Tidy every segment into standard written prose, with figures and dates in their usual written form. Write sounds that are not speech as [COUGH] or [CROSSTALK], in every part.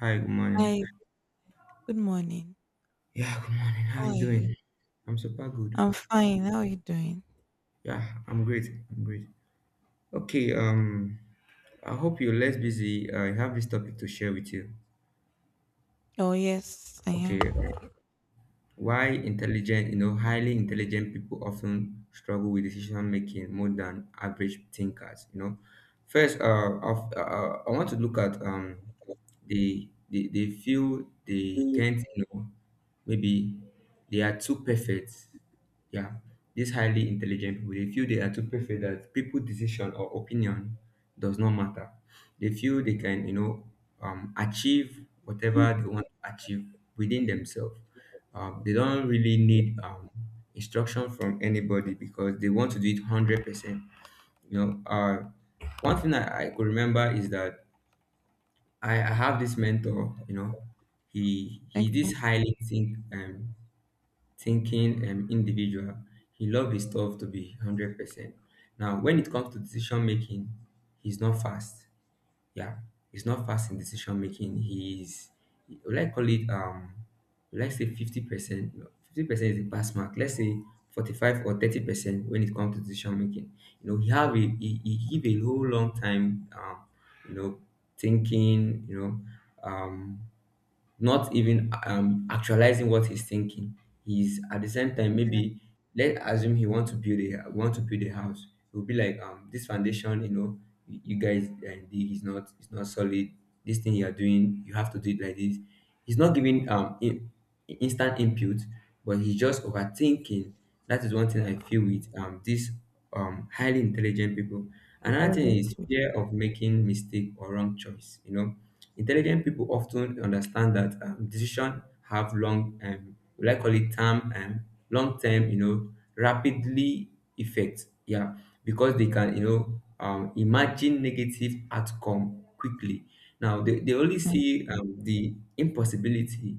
Hi, good Hi, morning. good morning. Yeah, good morning. How How you are doing? you? I'm super good. I'm fine. How are you doing? Yeah, I'm great. I'm great. Okay, I hope you're less busy. I have this topic to share with you. Oh, yes, I am. Okay, why intelligent, you know, highly intelligent people often struggle with decision making more than average thinkers. You know, first, I want to look at they feel they can't, you know, maybe they are too perfect. Yeah, these highly intelligent people they feel they are too perfect that people decision or opinion does not matter. They feel they can, achieve whatever they want to achieve within themselves. They don't really need instruction from anybody because they want to do it 100%. You know, uh, one thing I could remember is that I have this mentor. He's this Okay. highly think thinking individual. He loves his stuff to be 100%. Now when it comes to decision making, he's not fast, yeah, he's not fast in decision making. He's, would I call it, would I say 50%? 50% is the pass mark. Let's say 45 or 30% when it comes to decision making. You know, he have a, he give a whole long time, you know, thinking, um not even actualizing what he's thinking. He's, at the same time, Yeah. maybe let's assume he want to build a want to build a house. It will be like this foundation. You know, you guys and dig is not, it's not solid. This thing you are doing, you have to do it like this. He's not giving instant input, but he's just overthinking. That is one thing I feel with these highly intelligent people. Another thing Intelligent is fear people. of making mistake or wrong choice. You know, intelligent people often understand that, decision have long, we like call it term, and long term, rapidly effect. Yeah, because they can, imagine negative outcome quickly. Now they only Okay. see the impossibility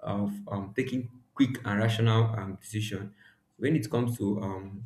of taking quick and rational decision. When it comes to um,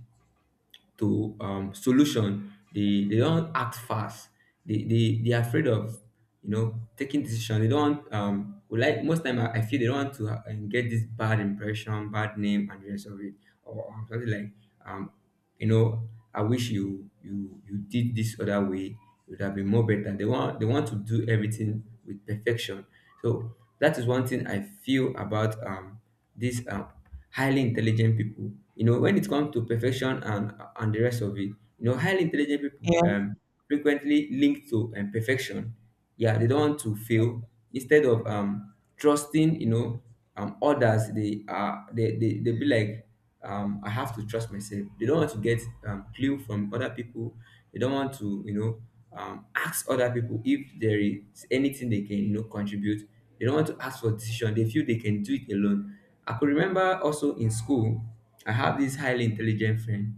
to um, solution, they don't act fast. They are afraid of, taking decision. They don't we like most time I feel they don't want to get this bad impression, bad name, and the rest of it, or something like, um you know, I wish you did this other way. It would have been more better. They want to do everything with perfection. So that is one thing I feel about these highly intelligent people. You know, when it comes to perfection and the rest of it, you know, highly intelligent people Yeah. Frequently linked to perfection. Yeah, they don't want to fail instead of trusting, others. They are they they, they be like, I have to trust myself. They don't want to get clue from other people. They don't want to, ask other people if there is anything they can, contribute. They don't want to ask for decision. They feel they can do it alone. I could remember also in school I have this highly intelligent friend,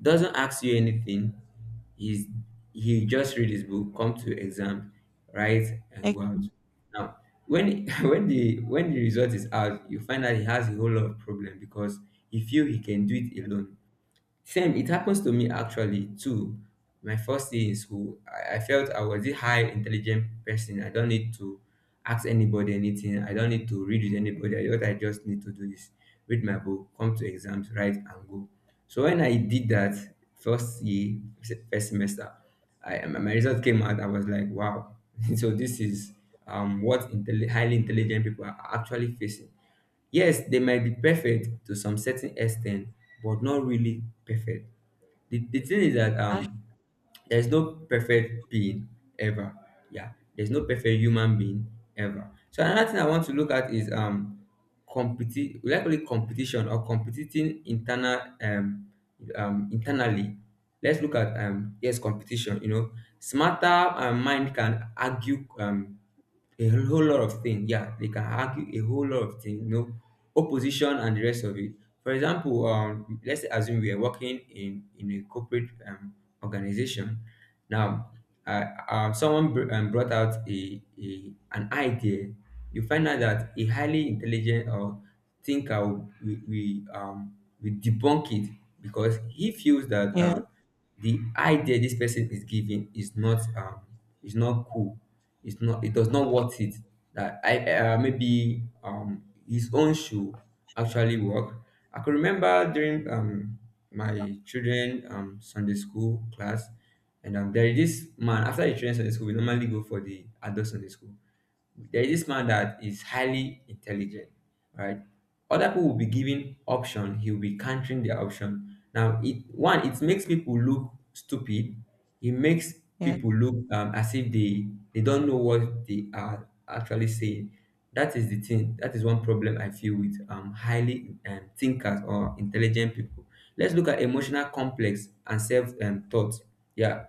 doesn't ask you anything. He's, he just read his book, come to exam, write, and go Okay. out. Now, when [LAUGHS] when the result is out, you find that he has a whole lot of problem because he feel he can do it alone. Same, it happens to me actually too. My first day in school, I felt I was a high intelligent person. I don't need to ask anybody anything. I don't need to read with anybody. What I just need to do is read my book, come to exams, write and go. So when I did that first year, first semester, I, my result came out. I was like, wow. [LAUGHS] So this is, what highly intelligent people are actually facing. Yes, they might be perfect to some certain extent, but not really perfect. The thing is that, That's- there's no perfect being ever. Yeah, there's no perfect human being ever. So another thing I want to look at is, we like call it competition, or competing internal, internally. Let's look at, yes, competition. You know, smarter mind can argue a whole lot of things. Yeah, they can argue a whole lot of things, you know, opposition and the rest of it. For example, let's assume we are working in a corporate organization. Now, someone brought out a, an idea. You find out that a highly intelligent or thinker we debunk it because he feels that Yeah. The idea this person is giving is not, is not cool, it's not, it does not worth it, that i, maybe his own shoe actually work. I could remember during my children sunday school class, and there is this man. After the children sunday school we normally go for the adult sunday school. There is this man that is highly intelligent, right? Other people will be giving option, he will be countering their option. Now, it one, it makes people look stupid. It makes Yeah. people look, as if they, they don't know what they are actually saying. That is the thing. That is one problem I feel with, highly thinkers or intelligent people. Let's look at emotional complex and self, thought. Yeah,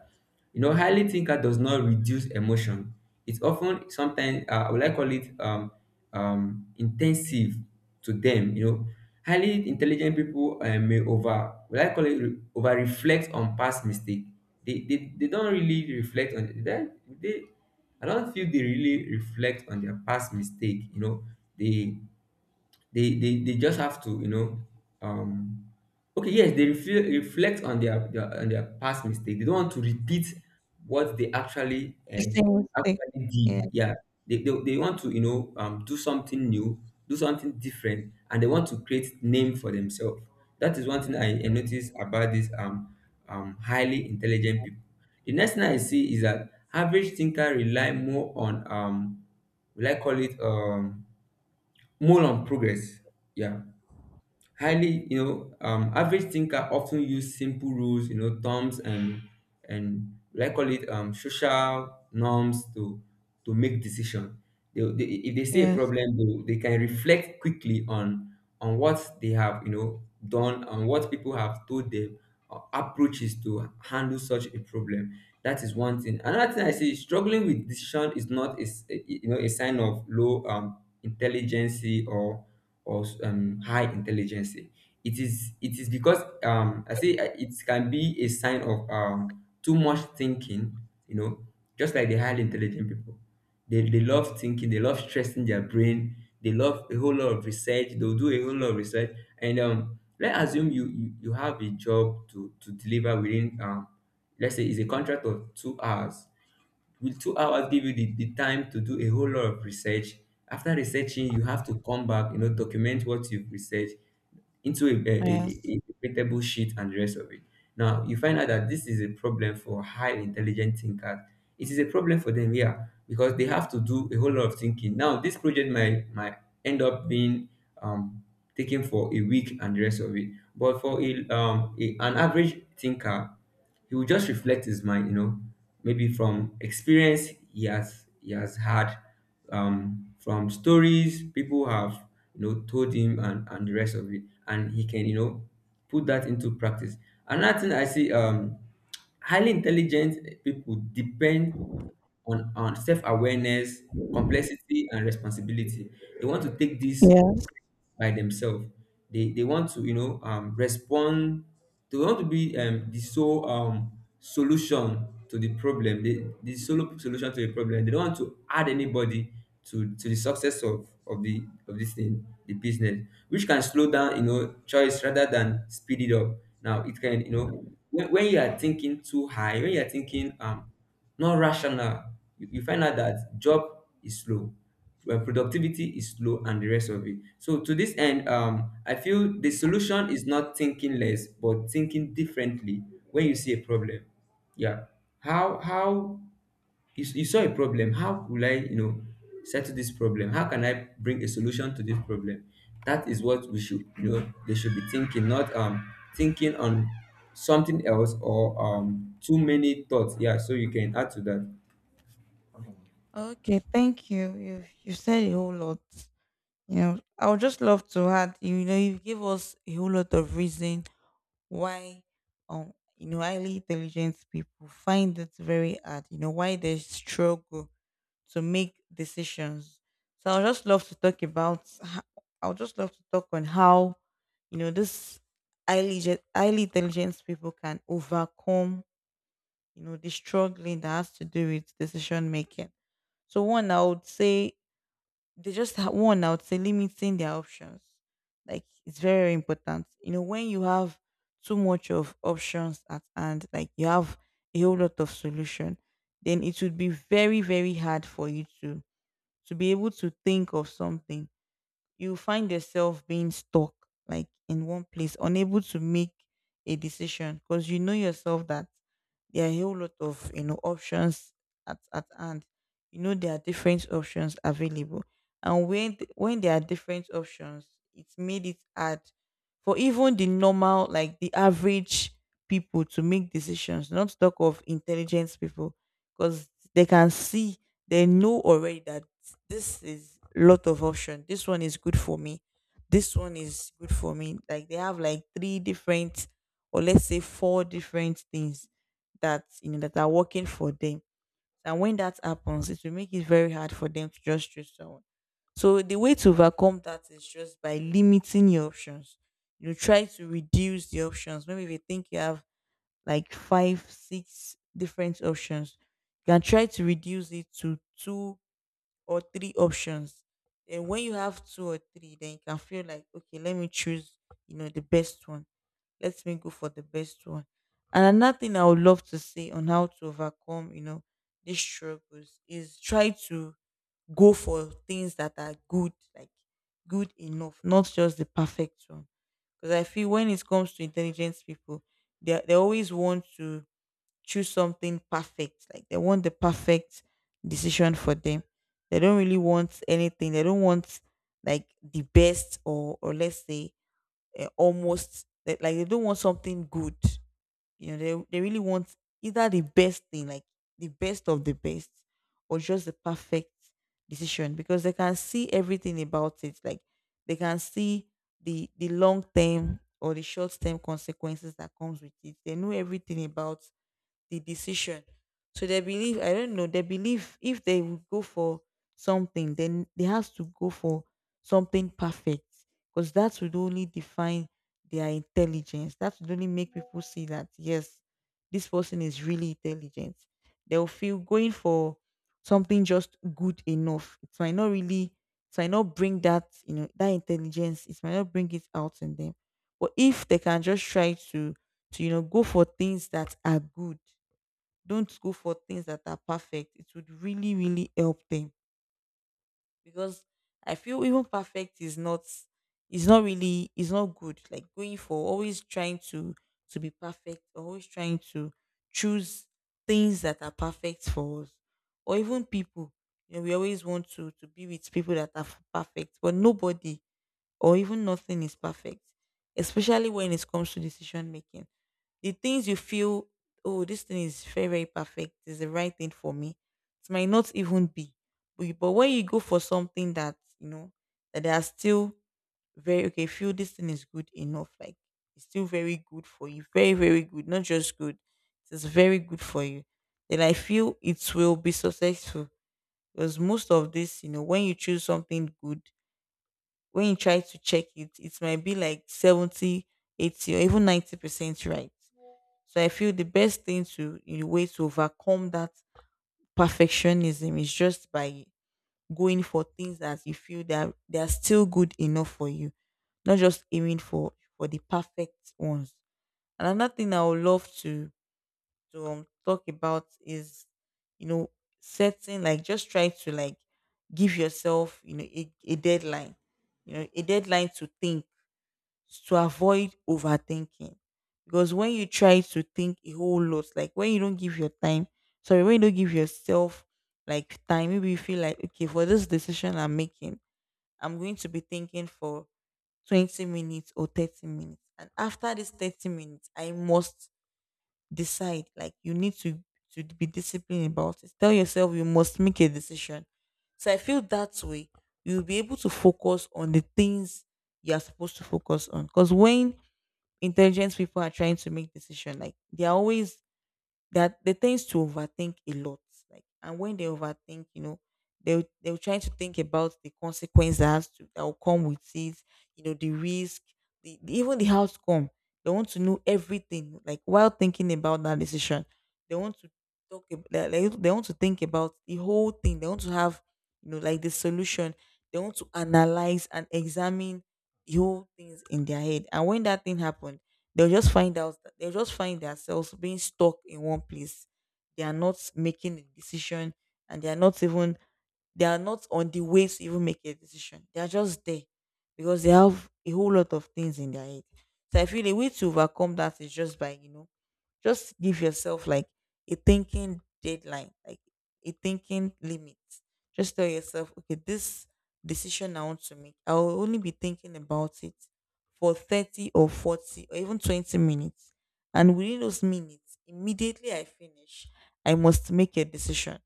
you know, highly thinker does not reduce emotion. It's often sometimes, I would like call it, intensive to them. You know, highly intelligent people, may over, would I call it, over reflect on past mistake. They don't really reflect on that. They, I don't feel they really reflect on their past mistake. You know, they they just have to, um okay, yes, they reflect on their past mistake, they don't want to repeat what they actually, The same mistake. actually Yeah. did, yeah. They want to, do something new, do something different, and they want to create name for themselves. That is one thing I noticed about these, highly intelligent people. The next thing I see is that average thinker rely more on, will I call it, more on progress. Yeah. Highly, you know, average thinker often use simple rules, you know, terms and like call it, social norms to make decision. If they see a Yes. problem, they can reflect quickly on what they have, you know, done and what people have told them, approaches to handle such a problem. That is one thing. Another thing I say is struggling with decision is not, is, you know, a sign of low, intelligence, or or, high intelligence. It is, it is because, I say, it can be a sign of too much thinking. You know, just like the highly intelligent people, they love thinking, they love stressing their brain, they love a whole lot of research, they'll do a whole lot of research. And let's assume you have a job to deliver within, let's say it's a contract of 2 hours. Will 2 hours give you the time to do a whole lot of research? After researching, you have to come back, you know, document what you've researched into Yes. A printable sheet and the rest of it. Now, you find out that this is a problem for high intelligent thinkers. It is a problem for them, yeah, because they have to do a whole lot of thinking. Now, this project might end up being, um, taken for a week and the rest of it. But for a, an average thinker, he will just reflect his mind, you know, maybe from experience he has had, from stories people have, you know, told him and the rest of it, and he can, you know, put that into practice. Another thing I see, highly intelligent people depend on self awareness, complexity, and responsibility. They want to take this Yes. by themselves. They want to, respond. They want to be, the sole, solution to the problem. They the solo solution to the problem. They don't want to add anybody to the success of the of this thing the business, which can slow down, you know, choice rather than speed it up. Now it can, you know, when you are thinking too high, when you are thinking not rational, you find out that job is slow, productivity is slow, and the rest of it. So to this end, I feel the solution is not thinking less but thinking differently. When you see a problem, yeah, how you saw a problem. How will I, you know, settle this problem? How can I bring a solution to this problem? That is what we should, you know, they should be thinking, not thinking on something else or too many thoughts. Yeah, so you can add to that. Okay. Thank you. You said a whole lot. You know, I would just love to add. You know, you give us a whole lot of reason why, you know, highly intelligent people find it very hard. You know, why they struggle to make decisions. So I'll just love to I'll just love to talk on how, you know, this highly intelligent people can overcome, you know, the struggling that has to do with decision making. So one, I would say one. I would say limiting their options. Like it's very, very important. You know, when you have too much of options at hand, like you have a whole lot of solution, then it would be very, very hard for you to be able to think of something. You find yourself being stuck like in one place, unable to make a decision because you know yourself that there are a whole lot of, you know, options at hand. You know, there are different options available. And when there are different options, it's made it hard for even the normal, like the average people to make decisions, not to talk of intelligent people because they can see, they know already that this is lot of option, this one is good for me, this one is good for me. Like they have like three different, or let's say four different things that, you know, that are working for them. And when that happens, it will make it very hard for them to just choose someone. So the way to overcome that is just by limiting your options. You know, try to reduce the options. Maybe if you think you have like five, six different options, you can try to reduce it to two or three options. And when you have two or three, then you can feel like, okay, let me choose, you know, the best one. Let me go for the best one. And another thing I would love to say on how to overcome, you know, these struggles is try to go for things that are good, like good enough, not just the perfect one. Because I feel when it comes to intelligent people, they always want to choose something perfect. Like they want the perfect decision for them. They don't really want anything. They don't want like the best, or let's say, almost like they don't want something good. You know, they really want either the best thing, like the best of the best, or just the perfect decision because they can see everything about it. Like they can see the long term or the short term consequences that comes with it. They know everything about the decision. So they believe, I don't know, they believe if they would go for something, then they have to go for something perfect because that would only define their intelligence. That would only make people see that, yes, this person is really intelligent. They'll feel going for something just good enough, it might not really, it might not bring that, you know, that intelligence, it might not bring it out in them. But if they can just try to, you know, go for things that are good, don't go for things that are perfect. It would really, really help them because I feel even perfect is not, is not really, is not good. Like going for, always trying to be perfect, or always trying to choose things that are perfect for us, or even people. You know, we always want to be with people that are perfect, but nobody or even nothing is perfect, especially when it comes to decision making. The things you feel, oh, this thing is very, very perfect, it's the right thing for me, it might not even be. But when you go for something that, you know, that they are still very, okay, feel this thing is good enough. Like, it's still very good for you. Very, very good. Not just good. It's very good for you. Then I feel it will be successful. Because most of this, you know, when you choose something good, when you try to check it, it might be like 70, 80, or even 90% right. So I feel the best thing to, in a way to overcome that perfectionism, is just by going for things that you feel that they are still good enough for you, not just aiming for the perfect ones. Another thing I would love to talk about is, you know, setting, like just try to like give yourself, you know, a deadline, you know, a deadline to think, to avoid overthinking. Because when you try to think a whole lot, like when you don't give your time, sorry, when you don't give yourself like time, maybe you feel like, okay, for this decision I'm making, I'm going to be thinking for 20 minutes or 30 minutes. And after this 30 minutes, I must decide. Like you need to be disciplined about it. Tell yourself you must make a decision. So I feel that way, you'll be able to focus on the things you are supposed to focus on. Because when intelligent people are trying to make decision, like they're always, that they tends to overthink a lot. Like, and when they overthink, you know, they, they're trying to think about the consequences that, has to, that will come with it, you know, the risk, even the outcome, they want to know everything, like while thinking about that decision they want to they, they want to think about the whole thing. They want to have, you know, like the solution. They want to analyze and examine the whole things in their head. And when that thing happened, they'll just find out, they'll just find themselves being stuck in one place. They are not making a decision, and they are not even, they are not on the way to even make a decision. They are just there because they have a whole lot of things in their head. So I feel a way to overcome that is just by, you know, just give yourself like a thinking deadline, like a thinking limit. Just tell yourself, okay, this decision I want to make, I will only be thinking about it for 30 or 40 or even 20 minutes. And within those minutes, immediately I finish, I must make a decision.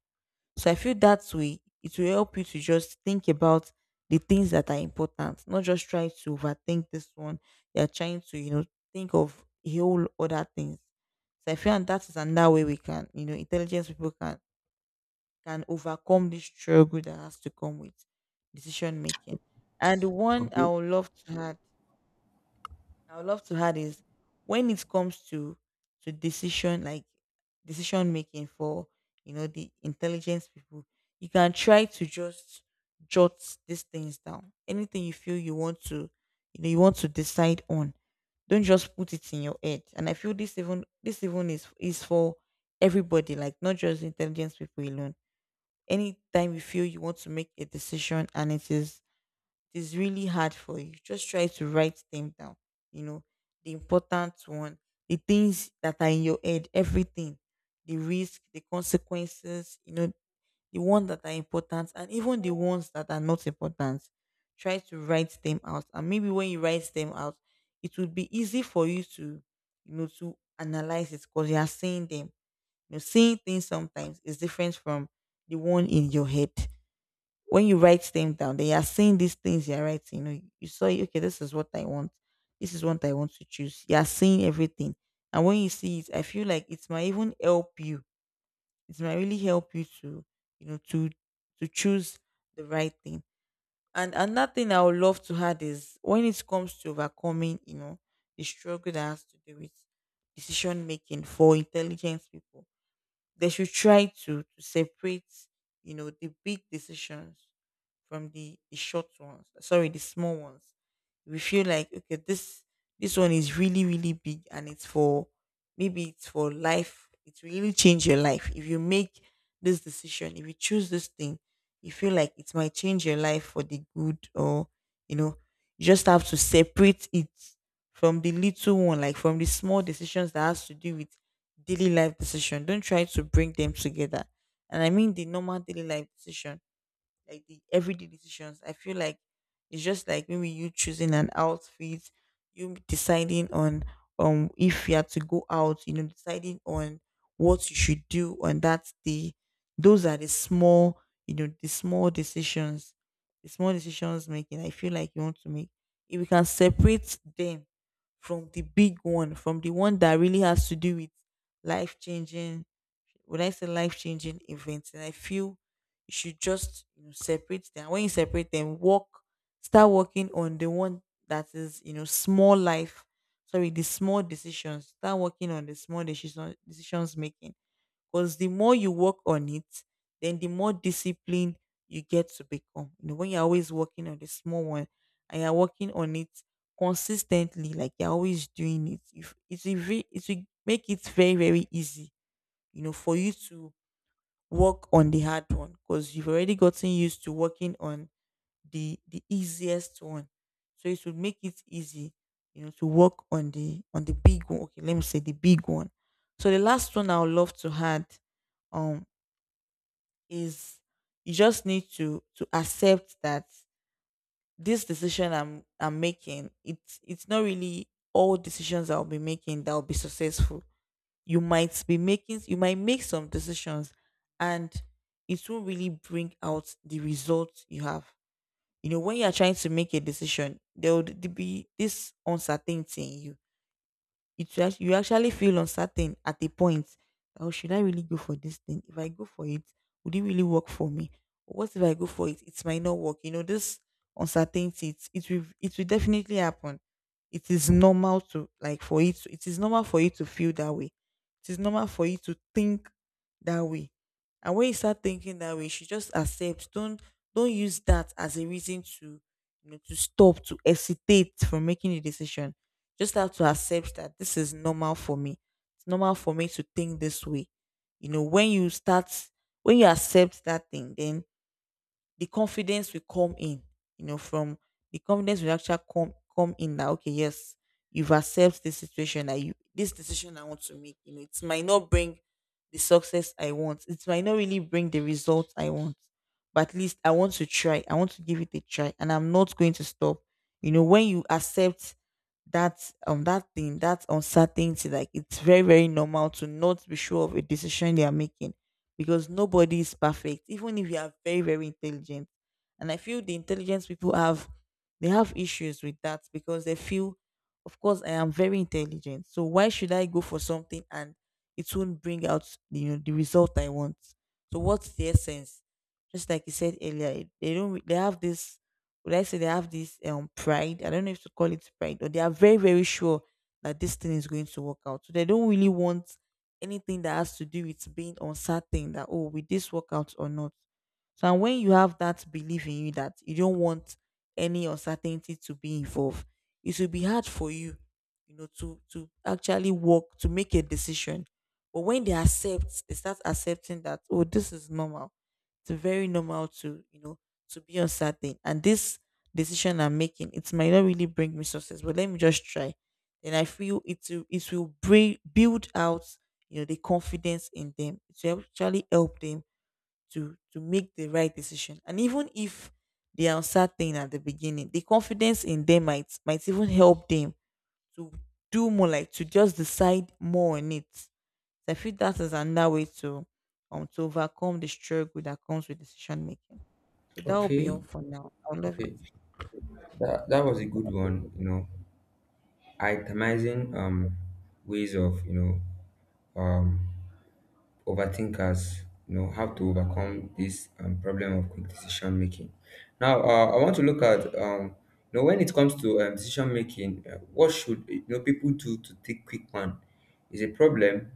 So I feel that way it will help you to just think about the things that are important, not just try to overthink this one. You're trying to, you know, think of a whole other things. So I feel, and that is another way we can, you know, intelligent people can overcome this struggle that has to come with decision making. And the one I Okay. would love to add I would love to add is, when it comes to decision, like decision making for, you know, the intelligence people, you can try to just jot these things down. Anything you feel you want to, you know, you want to decide on, don't just put it in your head. And I feel this even, this even is for everybody, like not just intelligence people alone. Anytime you feel you want to make a decision and it is, it is really hard for you, just try to write them down. You know, the important one, the things that are in your head, everything, the risk, the consequences, you know, the ones that are important and even the ones that are not important. Try to write them out. And maybe when you write them out, it would be easy for you to, you know, to analyze it because you are seeing them. You know, seeing things sometimes is different from the one in your head. When you write them down, then you're seeing these things you're writing. You know, you saw, okay, this is what I want. This is what I want to choose. You're seeing everything. And when you see it, I feel like it might even help you. It might really help you to, you know, to choose the right thing. And another thing I would love to add is, when it comes to overcoming, you know, the struggle that has to do with decision making for intelligent people, they should try to separate, you know, the big decisions from the short ones. Sorry, the small ones. We feel like, okay, this one is really really big, and it's for, maybe it's for life. It will really change your life if you make this decision. If you choose this thing, you feel like it might change your life for the good, or you know, you just have to separate it from the little one, like from the small decisions that has to do with daily life decision. Don't try to bring them together. And I mean the normal daily life decision like the everyday decisions. I feel like it's just like maybe you choosing an outfit, you deciding on if you are to go out, deciding on what you should do on that day. Those are the small, you know, the small decisions, the small decisions making. I feel like you want to make. If we can separate them from the big one, from the one that really has to do with life changing would I say life changing events. And I feel you should just separate them. When you separate them, work start working on the one that is small life. Sorry, the small decisions. Start working on the small decisions making. Because the more you work on it, then the more disciplined you get to become. You know, when you're always working on the small one and you're working on it consistently, like you're always doing it, if it's a ve- it will make it very, very easy, for you to work on the hard one because you've already gotten used to working on the easiest one, so it should make it easy, you know, to work on the big one. Okay, let me say the big one. So the last one I would love to add um is you just need to accept that this decision I'm making it's not really all decisions I'll be making that'll be successful. You might be making, you might make some decisions and it won't really bring out the results you have. You know, when you're trying to make a decision, there would be this uncertainty in you. It's just you actually feel uncertain at a point. Oh, should I really go for this thing? If I go for it, would it really work for me? What if I go for it? It might not work. You know, this uncertainty. It will, it will definitely happen. It is normal to It is normal for you to feel that way. It is normal for you to think that way. And when you start thinking that way, you should just accept. Don't use that as a reason to, you know, to stop, to hesitate from making a decision. Just have to accept that this is normal for me. It's normal for me to think this way. You know, when you start, when you accept that thing, then the confidence will come in, you know, from the confidence will actually come in that okay, yes, you've accepted this situation that you this decision I want to make. You know, it might not bring the success I want. It might not really bring the result I want. But at least I want to try. I want to give it a try. And I'm not going to stop. You know, when you accept that that thing, that uncertainty, like it's very, very normal to not be sure of a decision they are making, because nobody is perfect, even if you are very, very intelligent. And I feel the intelligent people have, they have issues with that because they feel, of course, I am very intelligent. So why should I go for something and it won't bring out, you know, the result I want? So what's the essence? Just like you said earlier, they don't, they have this, would I say they have this pride? I don't know if to call it pride, or they are very, very sure that this thing is going to work out. So they don't really want anything that has to do with being uncertain, that oh, will this work out or not. So, and when you have that belief in you that you don't want any uncertainty to be involved, it will be hard for you, you know, to actually work to make a decision. But when they accept, they start accepting that oh, this is normal, it's very normal to, you know, to be uncertain, and this decision I'm making it might not really bring me success, but let me just try. Then I feel it will, it will build out, you know, the confidence in them to actually help them to make the right decision. And even if they are uncertain at the beginning, the confidence in them might even help them to do more, like to just decide more on it. So I feel that is another way to overcome the struggle that comes with decision making. So that will be Okay, all for now. I love okay. it. That was a good one, you know. Itemizing ways of, you know, um overthinkers, you know, have to overcome this problem of quick decision making. Now, I want to look at, you know, when it comes to decision making. What should, you know, people do to take quick one? Is a problem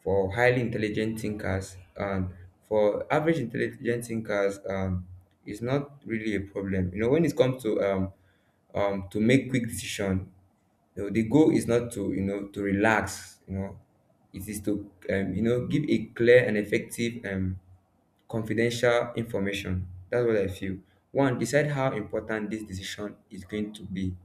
for highly intelligent thinkers, and for average intelligent thinkers, is not really a problem, you know. When it comes to make quick decision, you know, the goal is not to, you know, to relax, you know. It is to, you know, give a clear and effective, confidential information. That's what I feel. One, decide how important this decision is going to be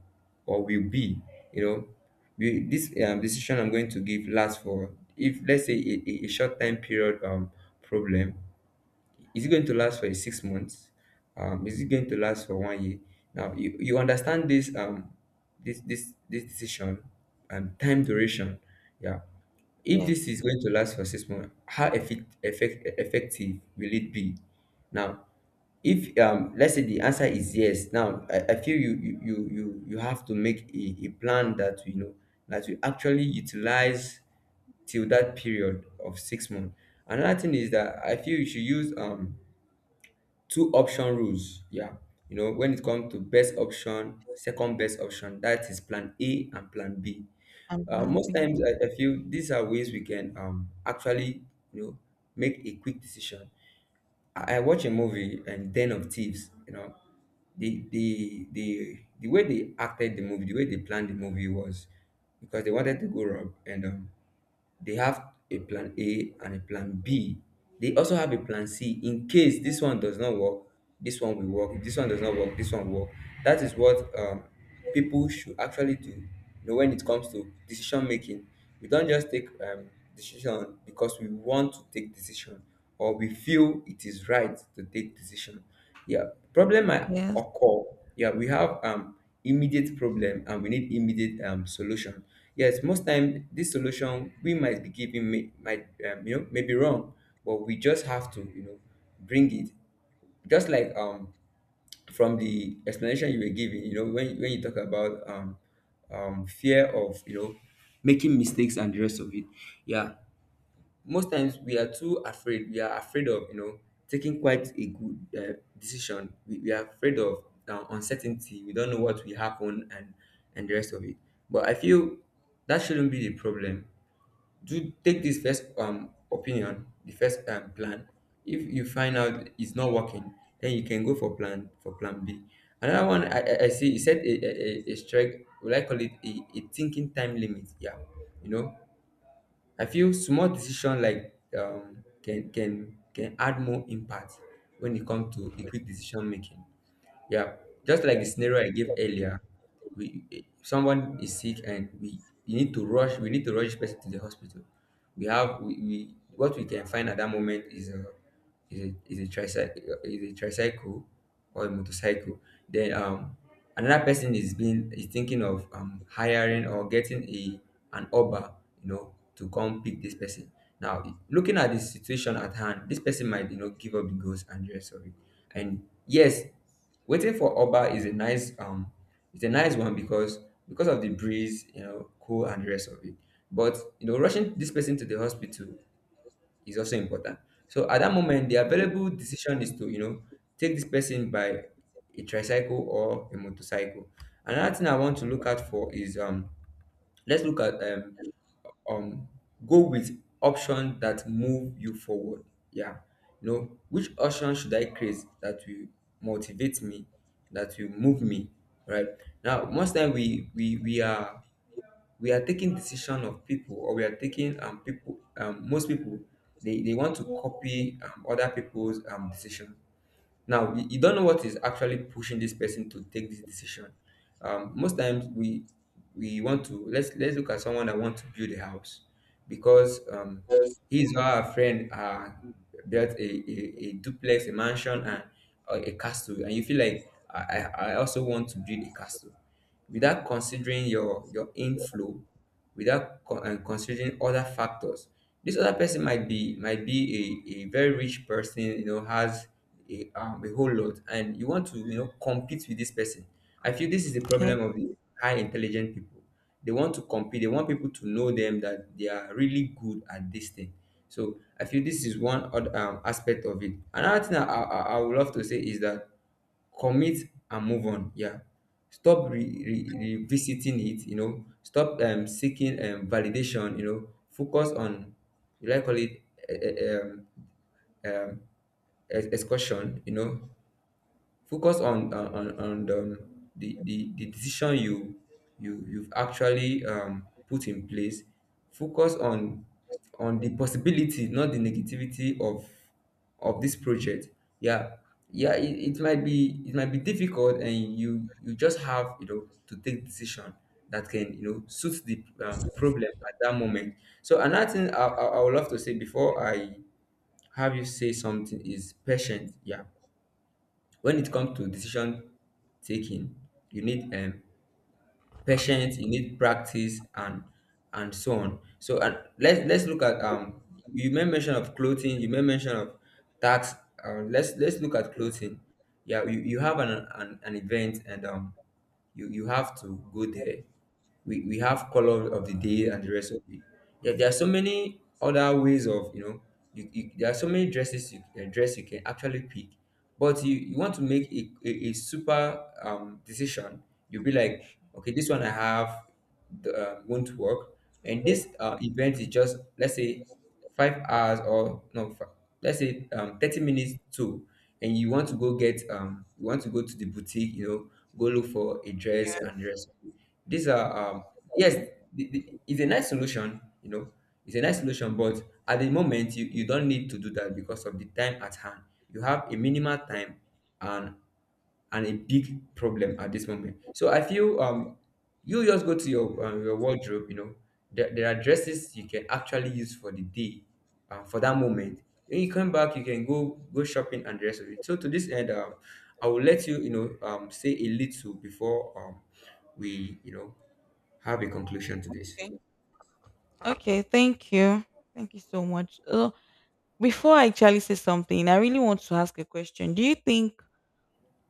or will be. You know, we, this decision I'm going to give lasts for, if let's say a a short time period, problem, is it going to last for a 6 months? Is it going to last for 1 year? Now you understand this this decision and time duration. Yeah. If this Yes. is going to last for 6 months, how effective will it be? Now, if let's say the answer is yes, now I feel you you have to make a plan that, you know, that you actually utilize till that period of 6 months. Another thing is that I feel you should use two option rules. Yeah, you know, when it comes to best option, second best option, that is plan A and plan B. I'm most grumpy. times I feel these are ways we can actually, you know, make a quick decision. I watch a movie and Den of Thieves. You know, the way they acted the movie, the way they planned the movie was because they wanted to go rob, and they have a plan A and a plan B. They also have a plan C. In case this one does not work, this one will work. If this one does not work, this one will work. That is what, people should actually do. You know, when it comes to decision making, we don't just take decision because we want to take decision, or we feel it is right to take decision. Yeah, problem might Yes. occur. Yeah, we have immediate problem, and we need immediate solution. Yes, most time this solution we might be giving may, might, you know, maybe wrong, but we just have to, you know, bring it. Just like, from the explanation you were giving, you know, when you talk about fear of, you know, making mistakes and the rest of it. Yeah, most times we are too afraid. We are afraid of, you know, taking quite a good, decision. We we are afraid of uncertainty. We don't know what will happen, and the rest of it, but I feel that shouldn't be the problem. Do take this first opinion, the first, plan. If you find out it's not working, then you can go for plan B. Another one I see you said a strike, will I call it, a thinking time limit. Yeah, you know, I feel small decision like, can add more impact when it comes to a quick decision making. Yeah, just like the scenario I gave earlier, we, someone is sick and we, you need to rush. We need to rush this person to the hospital. We what we can find at that moment is a tricycle, or a motorcycle. Then another person is being is thinking of hiring or getting a, an Uber, you know, to come pick this person. Now, looking at the situation at hand, this person might, you know, give up the ghost and the rest of it. And yes, waiting for Uber is a nice, it's a nice one, because of the breeze, you know, cool and the rest of it. But you know, rushing this person to the hospital is also important. So at that moment, the available decision is to, you know, take this person by a tricycle or a motorcycle. Another thing I want to look out for is, let's look at, um go with option that move you forward. Yeah, you know, which option should I create that will motivate me, that will move me right. Now, most time we are taking decision of people, or we are taking people. Most people, they want to copy other people's decision. Now you don't know what is actually pushing this person to take this decision. Most times we want to, let's look at someone that wants to build a house because, his or her friend, built a duplex, a mansion, and, a castle, and you feel like, I also want to build a castle without considering your inflow, without con- and considering other factors. This other person might be, might be a very rich person, you know, has a whole lot, and you want to, you know, compete with this person. I feel this is the Yes. problem of the high intelligent people. They want to compete. They want people to know them that they are really good at this thing. So I feel this is one other, aspect of it. Another thing I would love to say is that commit and move on. Yeah, stop revisiting it. You know, stop seeking validation. You know, focus on, you like, call it, eh, eh, um, um excursion. You know, focus on, on the decision you, you've actually, put in place. Focus on the possibility, not the negativity of this project. Yeah, yeah, it might be, it might be difficult, and you just have, you know, to take decision that can, you know, suit the, problem at that moment. So another thing I would love to say before I have you say something is patient. Yeah, when it comes to decision taking, you need, patience, you need practice and so on. So and let's look at, you made mention of clothing, you made mention of tax. Let's look at clothing. Yeah, you have an event, and you, you have to go there. We we, have color of the day and the rest of it. Yeah. There are so many other ways of, you know, you, there are so many dresses you, dress you can actually pick. But you want to make a super, decision. You'll be like, okay, this one I have won't work, and this, event is just, let's say, 5 hours, or no let's say, 30 minutes to, and you want to go get, you want to go to the boutique, you know, go look for a dress and the rest. These are, yes, it's a nice solution, you know, it's a nice solution, but at the moment, you don't need to do that because of the time at hand. You have a minimal time and and a big problem at this moment. So I feel you just go to your, your wardrobe. You know, there are dresses you can actually use for the day, for that moment. When you come back, you can go shopping and the rest of it. So to this end, I will let you, you know, say a little before, we, you know, have a conclusion to this. Okay. Okay, thank you. Thank you so much. Ugh. Before I actually say something, I really want to ask a question. Do you think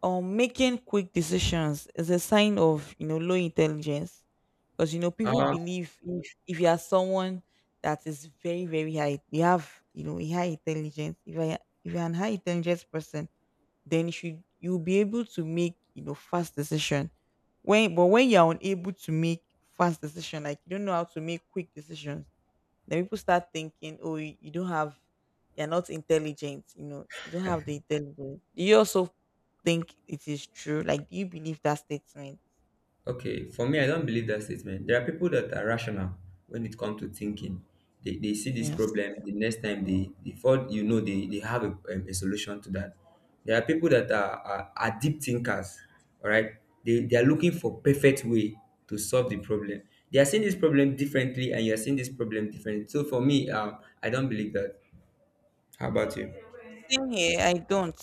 making quick decisions is a sign of, you know, low intelligence? Because you know people Uh, believe if you are someone that is very, very high, you have, you know, a high intelligence. If you're an high intelligence person, then you'll be able to make, you know, fast decision. When but when you're unable to make fast decision, like you don't know how to make quick decisions, then people start thinking, oh, you don't have, you're not intelligent, you know, you don't have the intelligence. Do you also think it is true? Like, do you believe that statement? Okay, for me, I don't believe that statement. There are people that are rational when it comes to thinking. They see this Yes. problem the next time they, before you know, they have a solution to that. There are people that are, are deep thinkers, all right? They are looking for perfect way to solve the problem. They are seeing this problem differently, and you are seeing this problem differently. So for me, I don't believe that. How about you? Okay. Same here. I don't.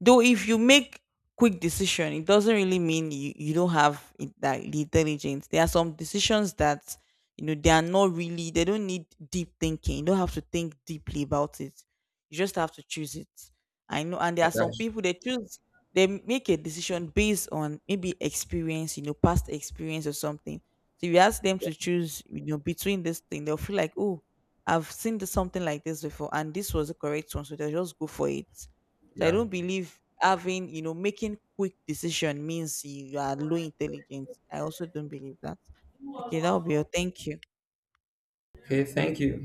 Though if you make quick decision, it doesn't really mean you don't have it, that the intelligence. There are some decisions that you know they are not really. They don't need deep thinking. You don't have to think deeply about it. You just have to choose it. I know. And there are some Akash? people they choose. They make a decision based on maybe experience, you know, past experience or something. So if you ask them to choose, you know, between this thing, they'll feel like, oh, I've seen something like this before, and this was the correct one, so they just go for it. So I Yeah. don't believe having, you know, making quick decision means you are low intelligence. I also don't believe that. Okay, that will be all. Thank you. Okay, thank you.